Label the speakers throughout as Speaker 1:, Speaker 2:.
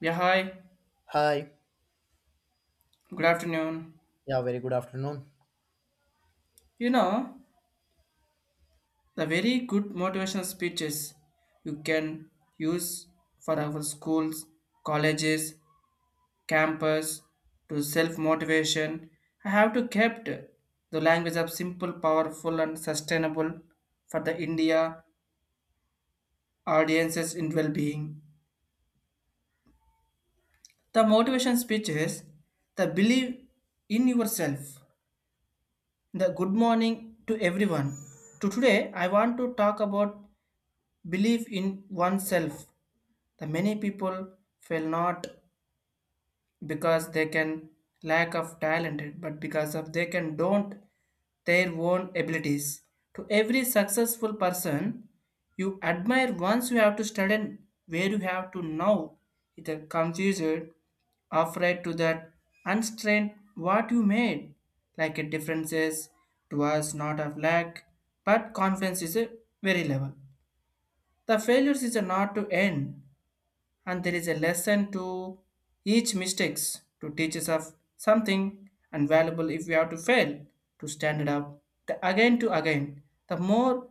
Speaker 1: Yeah, hi.
Speaker 2: Hi.
Speaker 1: Good afternoon.
Speaker 2: Yeah, very good afternoon.
Speaker 1: You know, the very good motivational speeches you can use for our schools, colleges, campus to self-motivation. I have to kept the language of simple, powerful and sustainable for the India audiences in well-being. The motivation speeches, the believe in yourself. The good morning to everyone. To today I want to talk about belief in oneself. The many people fail not because they can lack of talent, but because of they can don't their own abilities. To every successful person you admire once you have to study where you have to know, either confused, afraid to that unstrained what you made. Like a differences to us not of lack, but confidence is a very level. The failures is not to end, and there is a lesson to each mistakes to teach us of something and valuable if we have to fail to stand it up the again to again the more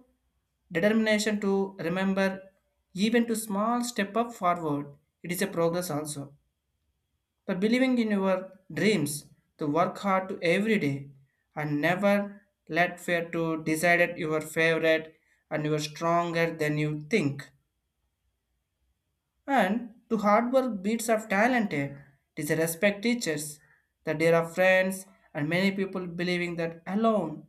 Speaker 1: determination to remember even to small step up forward it is a progress also. The believing in your dreams to work hard to every day and never let fear to decide at your favorite, and you are stronger than you think and to hard work beats of talented. Teacher respect teachers, the dear of friends, and many people believing that alone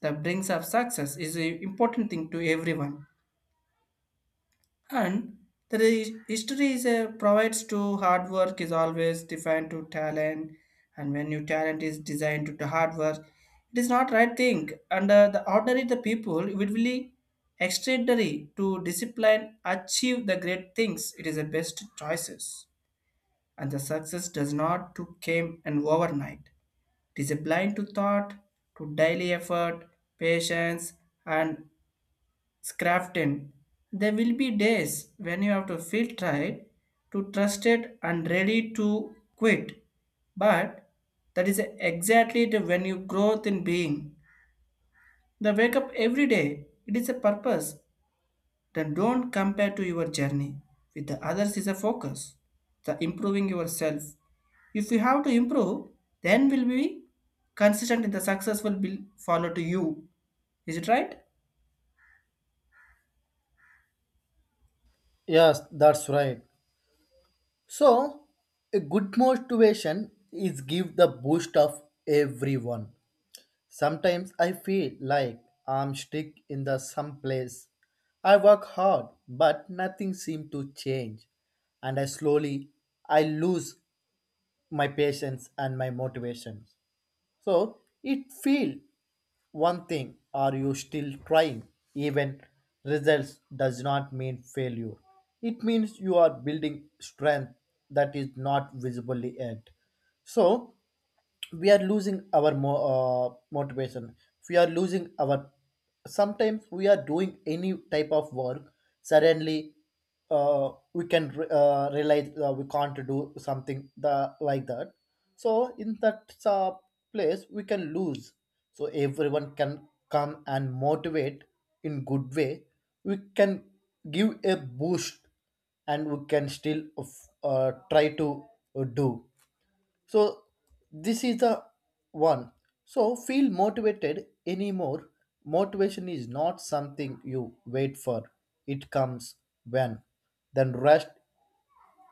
Speaker 1: the brings of success is an important thing to everyone. And history is a, provides to hard work is always defined to talent, and when your talent is designed to the hard work, it is not right thing. Under the ordinary, the people it will really extraordinary to discipline achieve the great things. It is the best choices, and the success does not to came and overnight. It is a blind to thought, to daily effort, patience, and scrafting. There will be days when you have to feel tired, to trust it, and ready to quit. But that is exactly the when you growth in being. The wake up every day. It is a purpose. Then don't compare to your journey with the others is a focus. The improving yourself, if you have to improve, then will be consistent in the success will be follow to you. Is it right?
Speaker 2: Yes, that's right. So, a good motivation is give the boost of everyone. Sometimes I feel like I'm stuck in the some place. I work hard, but nothing seems to change, and I slowly I lose my patience and my motivation. So it feel one thing are you still trying even results does not mean failure, it means you are building strength that is not visible yet. So we are losing our motivation, we are losing our sometimes we are doing any type of work suddenly, we can realize we can't do something the, like that. So in that place we can lose, so everyone can come and motivate in good way, we can give a boost and we can still try to do. So this is the one. So feel motivated anymore. Motivation is not something you wait for. It comes when. Then rest.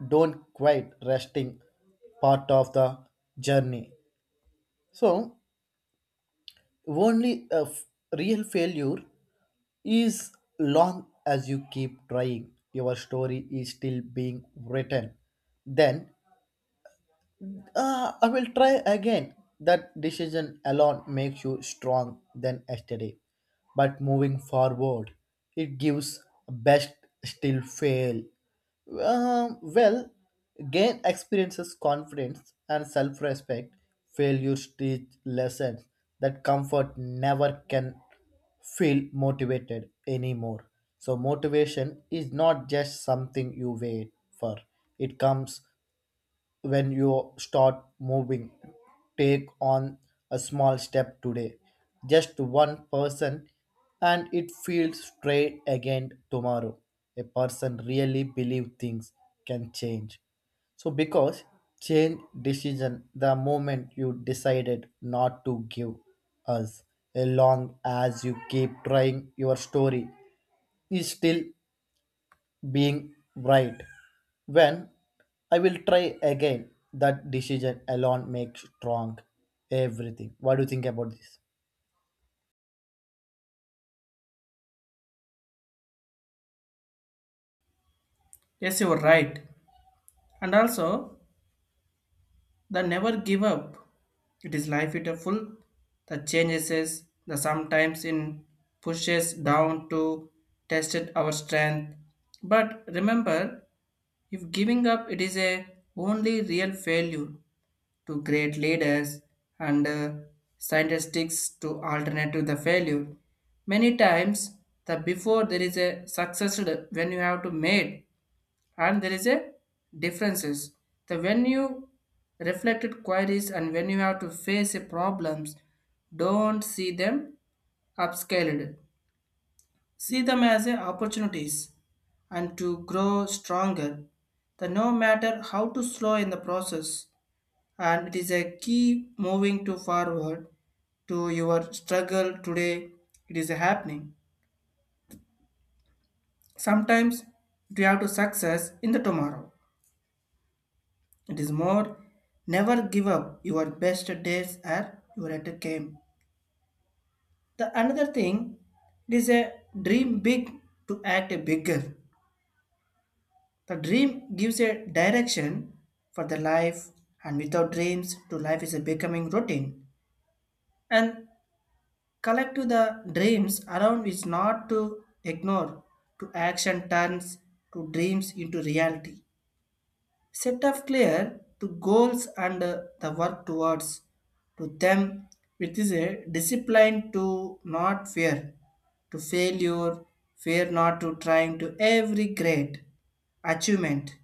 Speaker 2: Don't quit resting. Part of the journey. So only a real failure is long as you keep trying. Your story is still being written. Then I will try again. That decision alone makes you strong than yesterday. But moving forward, it gives best still fail. Well, gain experiences, confidence, and self respect. Failures teach lessons that comfort never can feel motivated anymore. So, motivation is not just something you wait for, it comes when you start moving, take on a small step today, just one person, and it feels straight again tomorrow. A person really believe things can change. So because change decision the moment you decided not to give us as long as you keep trying your story is still being right when I will try again. That decision alone makes strong everything. What do you think about this?
Speaker 1: Yes, you are right. And also, the never give up. It is life It a full. The changes is the sometimes in pushes down to tested our strength. But remember, if giving up, it is a only real failure. To great leaders and scientists to alternative the failure. Many times the before there is a success when you have to made and there is a differences. The when you reflected queries and when you have to face a problems, don't see them upscaled. See them as a opportunities and to grow stronger. The no matter how to slow in the process and it is a key moving to forward to your struggle today it is happening sometimes you have to success in the tomorrow it is more never give up your best days are your at game. The another thing it is a dream big to act bigger. The dream gives a direction for the life, and without dreams, to life is a becoming routine. And collect to the dreams around which not to ignore, to action turns to dreams into reality. Set up clear to goals and the work towards to them which is a discipline to not fear, to failure, fear not to trying to every great achievement.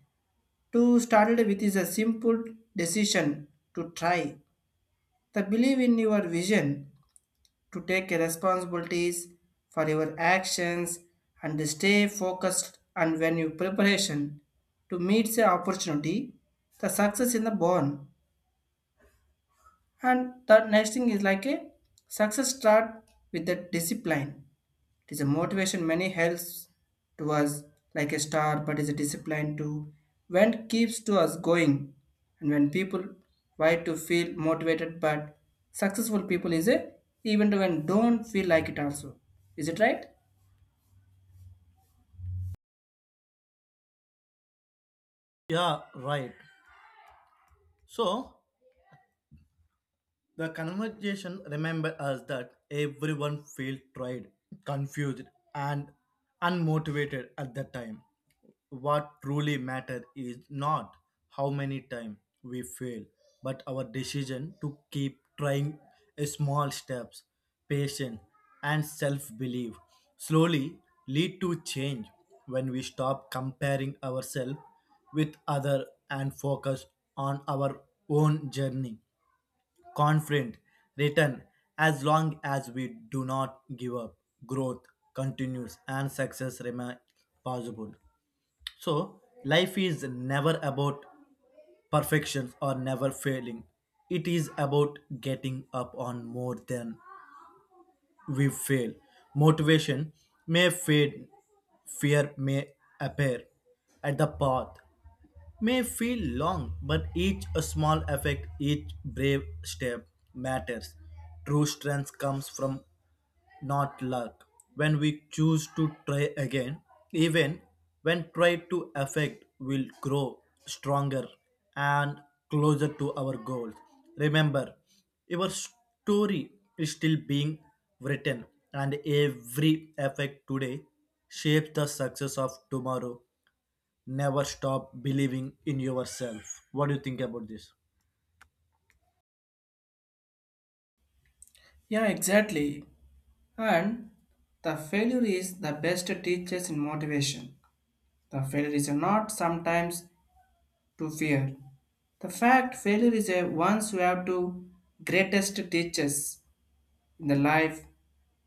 Speaker 1: To started with is a simple decision to try. The believe in your vision to take responsibilities for your actions and stay focused and when your preparation to meet the opportunity the success in the born. And the next thing is like a success start with the discipline, it is a motivation many helps to us like a star, but is a discipline too. When keeps to us going, and when people try to feel motivated, but successful people is a even when don't feel like it also. Is it right?
Speaker 2: Yeah, right. So the conversation remembered us that everyone felt tried, confused, and unmotivated at that time. What truly matters is not how many times we fail, but our decision to keep trying small steps, patience, and self belief slowly lead to change when we stop comparing ourselves with other and focus on our own journey confident return. As long as we do not give up growth continues and success remains possible. So life is never about perfection or never failing, it is about getting up on more than we fail. Motivation may fade, fear may appear at the path may feel long, but each small effect, each brave step matters. True strength comes from not luck. When we choose to try again, even when try to affect will grow stronger and closer to our goals. Remember, your story is still being written and every effect today shapes the success of tomorrow. Never stop believing in yourself. What do you think about this?
Speaker 1: Yeah, exactly. And the failure is the best teachers in motivation. The failure is not sometimes to fear. The fact failure is a once you have to greatest teachers in the life.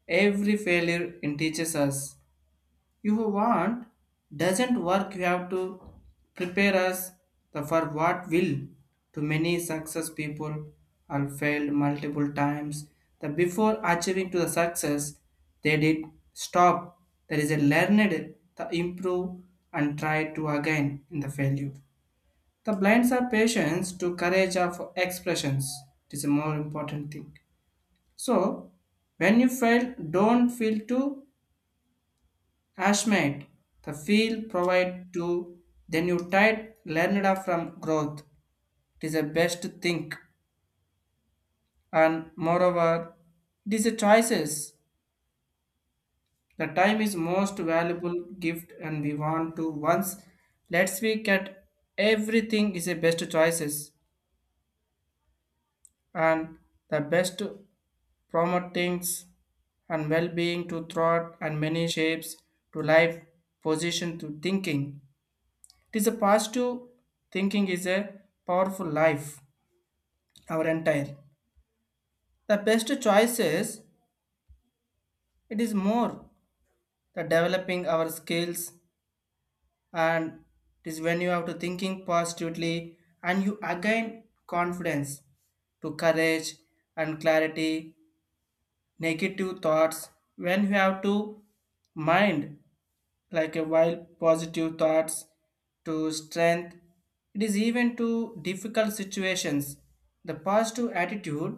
Speaker 1: Every failure in teaches us. If you want doesn't work, you have to prepare us for what will. To many success people are failed multiple times. The before achieving to the success, they did stop. There is a learned to improve and try to again in the failure. The blinds are patience to courage of expressions. It is a more important thing. So when you fail, don't feel too Hashmate, the field provide to then you tied learned from growth. It is the best think, and moreover it is a choices. The time is most valuable gift and we want to once let's we get everything is a best choices. And the best promote things and well-being to thought and many shapes to life position to thinking. It is a positive thinking is a powerful life, our entire. The best choices, it is more the developing our skills, and it is when you have to thinking positively and you again confidence to courage and clarity, negative thoughts when you have to mind like a wild positive thoughts to strength it is even to difficult situations the positive attitude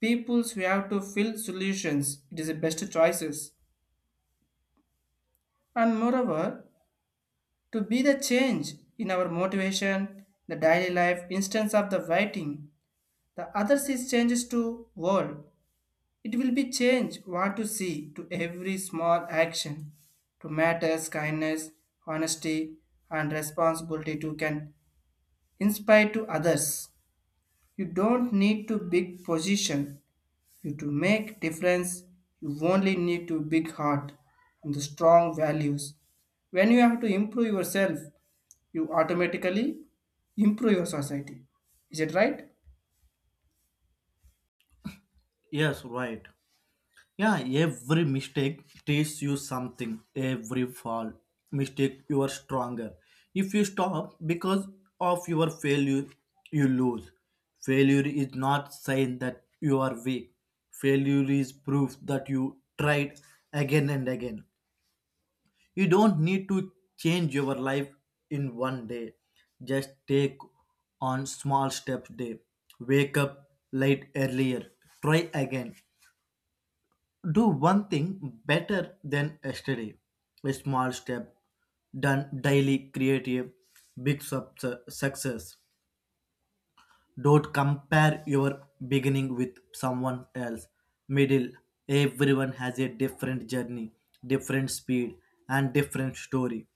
Speaker 1: peoples we have to fill solutions it is the best choices. And moreover, to be the change in our motivation the daily life instance of the writing the others is changes to world. It will be change what to see to every small action, to matters, kindness, honesty, and responsibility to can inspire to others. You don't need to big position. You to make difference, you only need to big heart and the strong values. When you have to improve yourself, you automatically improve your society. Is it right?
Speaker 2: Yes, right. Yeah, every mistake teaches you something. Every fall, mistake, you are stronger. If you stop because of your failure, you lose. Failure is not sign that you are weak. Failure is proof that you tried again and again. You don't need to change your life in one day. Just take on small steps day. Wake up late earlier. Try again. Do one thing better than yesterday. A small step done daily create a big success. Don't compare your beginning with someone else. Middle, everyone has a different journey, different speed, and different story.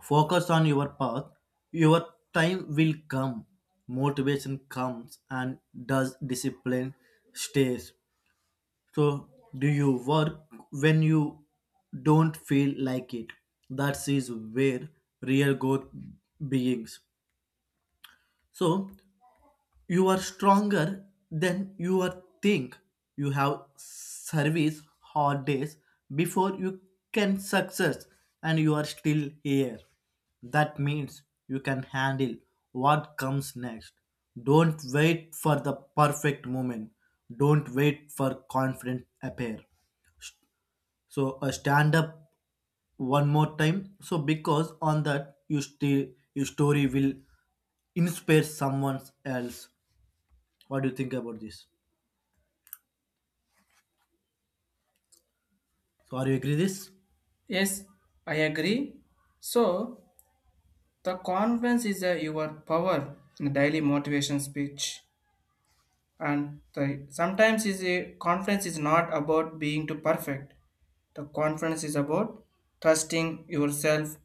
Speaker 2: Focus on your path. Your time will come. Motivation comes and does discipline stays. So, do you work when you don't feel like it? That is where real growth begins. So, you are stronger than you are think. You have service hard days before you can success and you are still here. That means you can handle what comes next. Don't wait for the perfect moment. Don't wait for confident appear. So stand up one more time. So because on that you still your story will inspire someone else. What do you think about this? So are you agree this?
Speaker 1: Yes, I agree. So the conference is a your power the daily motivation speech, and the, sometimes is a conference is not about being too perfect. The conference is about trusting yourself.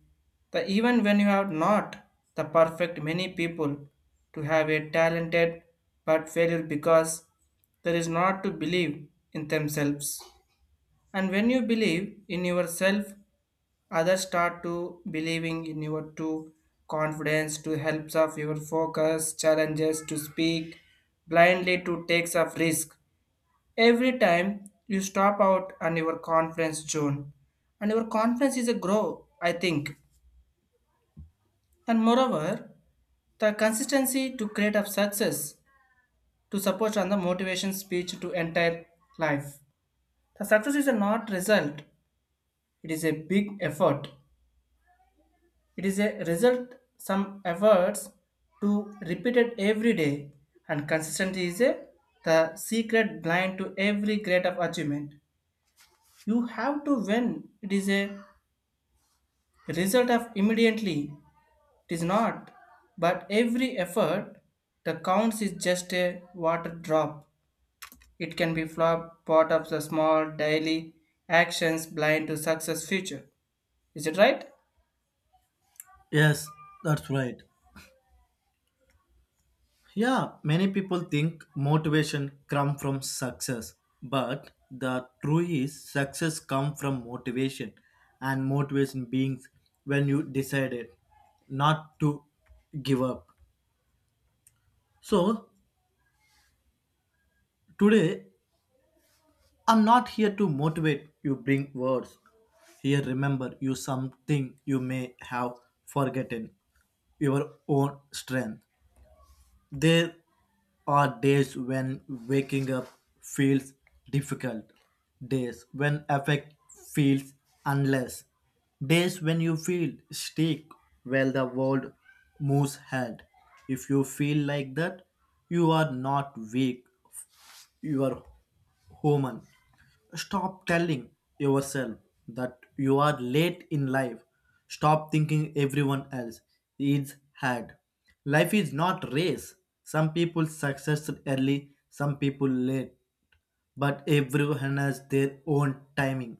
Speaker 1: The even when you are not the perfect, many people to have a talented but failure because there is not to believe in themselves. And when you believe in yourself, others start to believing in your true confidence to helps of your focus, challenges to speak blindly to takes of risk. Every time you stop out on your confidence zone, and your confidence is a grow, I think. And moreover, the consistency to create of success to support on the motivation speech to entire life. The success is a not result; it is a big effort. It is a result some efforts to repeat it every day, and consistency is a, the secret blind to every great of achievement. You have to win. It is a result of immediately. It is not, but every effort the counts is just a water drop. It can be flop part of the small daily actions blind to success future. Is it right?
Speaker 2: Yes, that's right. Yeah, many people think motivation come from success, but the truth is success come from motivation and motivation beings when you decided not to give up. So today I'm not here to motivate you bring words. Here remember you something you may have forgotten your own strength. There are days when waking up feels difficult, days when affect feels unless, days when you feel stick while the world moves ahead. If you feel like that, you are not weak, you are human. Stop telling yourself that you are late in life. Stop thinking everyone else is had. Life is not race. Some people success early, some people late, but everyone has their own timing.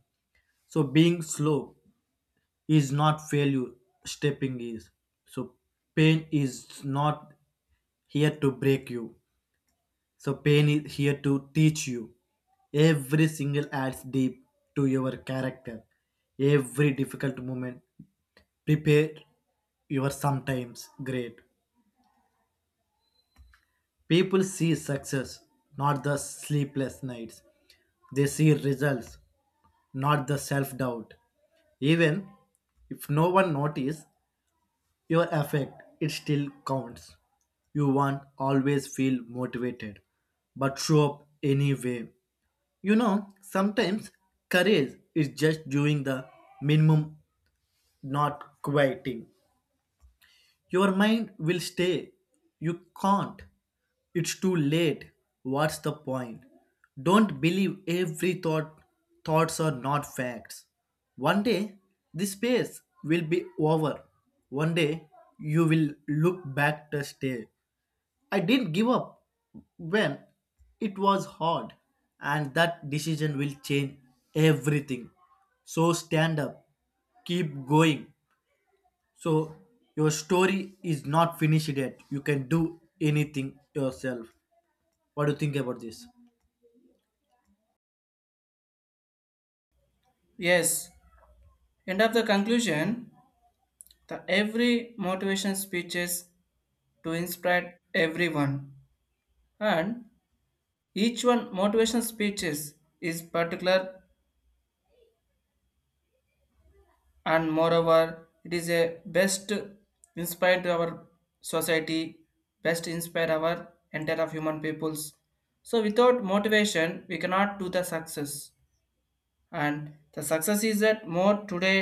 Speaker 2: So being slow is not failure. Stepping is. So pain is not here to break you. So pain is here to teach you. Every single adds deep to your character. Every difficult moment prepare you are sometimes great. People see success, not the sleepless nights. They see results, not the self doubt. Even if no one notice your effect, it still counts. You won't always feel motivated, but show up anyway. You know, sometimes courage is just doing the minimum, not quieting. Your mind will stay. You can't. It's too late. What's the point? Don't believe every thought. Thoughts are not facts. One day, this phase will be over. One day, you will look back to stay. I didn't give up when it was hard, and that decision will change everything. So stand up, keep going. So your story is not finished yet. You can do anything yourself. What do you think about this?
Speaker 1: Yes. End of the conclusion. The every motivation speeches to inspire everyone, and each one motivation speeches is particular, and moreover, it is a best inspire to our society, best inspire our entire of human peoples. So without motivation, we cannot do the success. And the success is that more today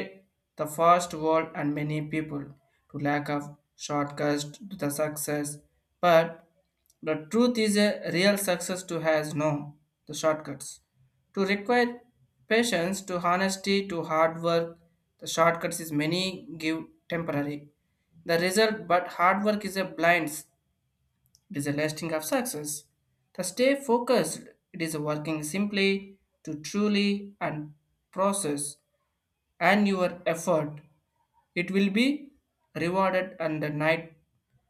Speaker 1: the fast world and many people to lack of shortcuts to the success, but the truth is a real success to has no the shortcuts to require patience to honesty to hard work. The shortcuts is many give temporary the result, but hard work is a blinds, it is a lasting of success. To stay focused, it is working simply to truly and process and your effort. It will be rewarded and the night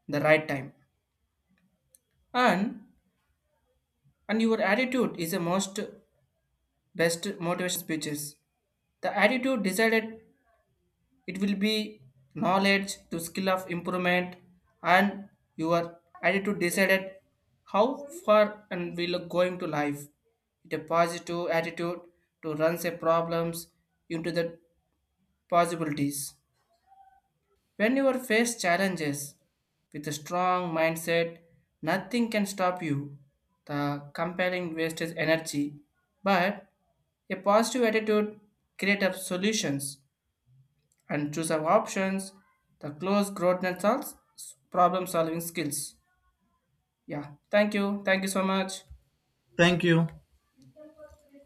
Speaker 1: the right time. And and your attitude is the most best motivation speeches. The attitude decided it will be knowledge to skill of improvement, and your attitude decided how far and will going to life. It a positive attitude to run say problems into the possibilities. When you are face challenges with a strong mindset, nothing can stop you. The compelling wasted energy, but a positive attitude create up solutions and choose our options, the close growth and solves problem solving skills. Yeah, thank you. Thank you so much.
Speaker 2: Thank you.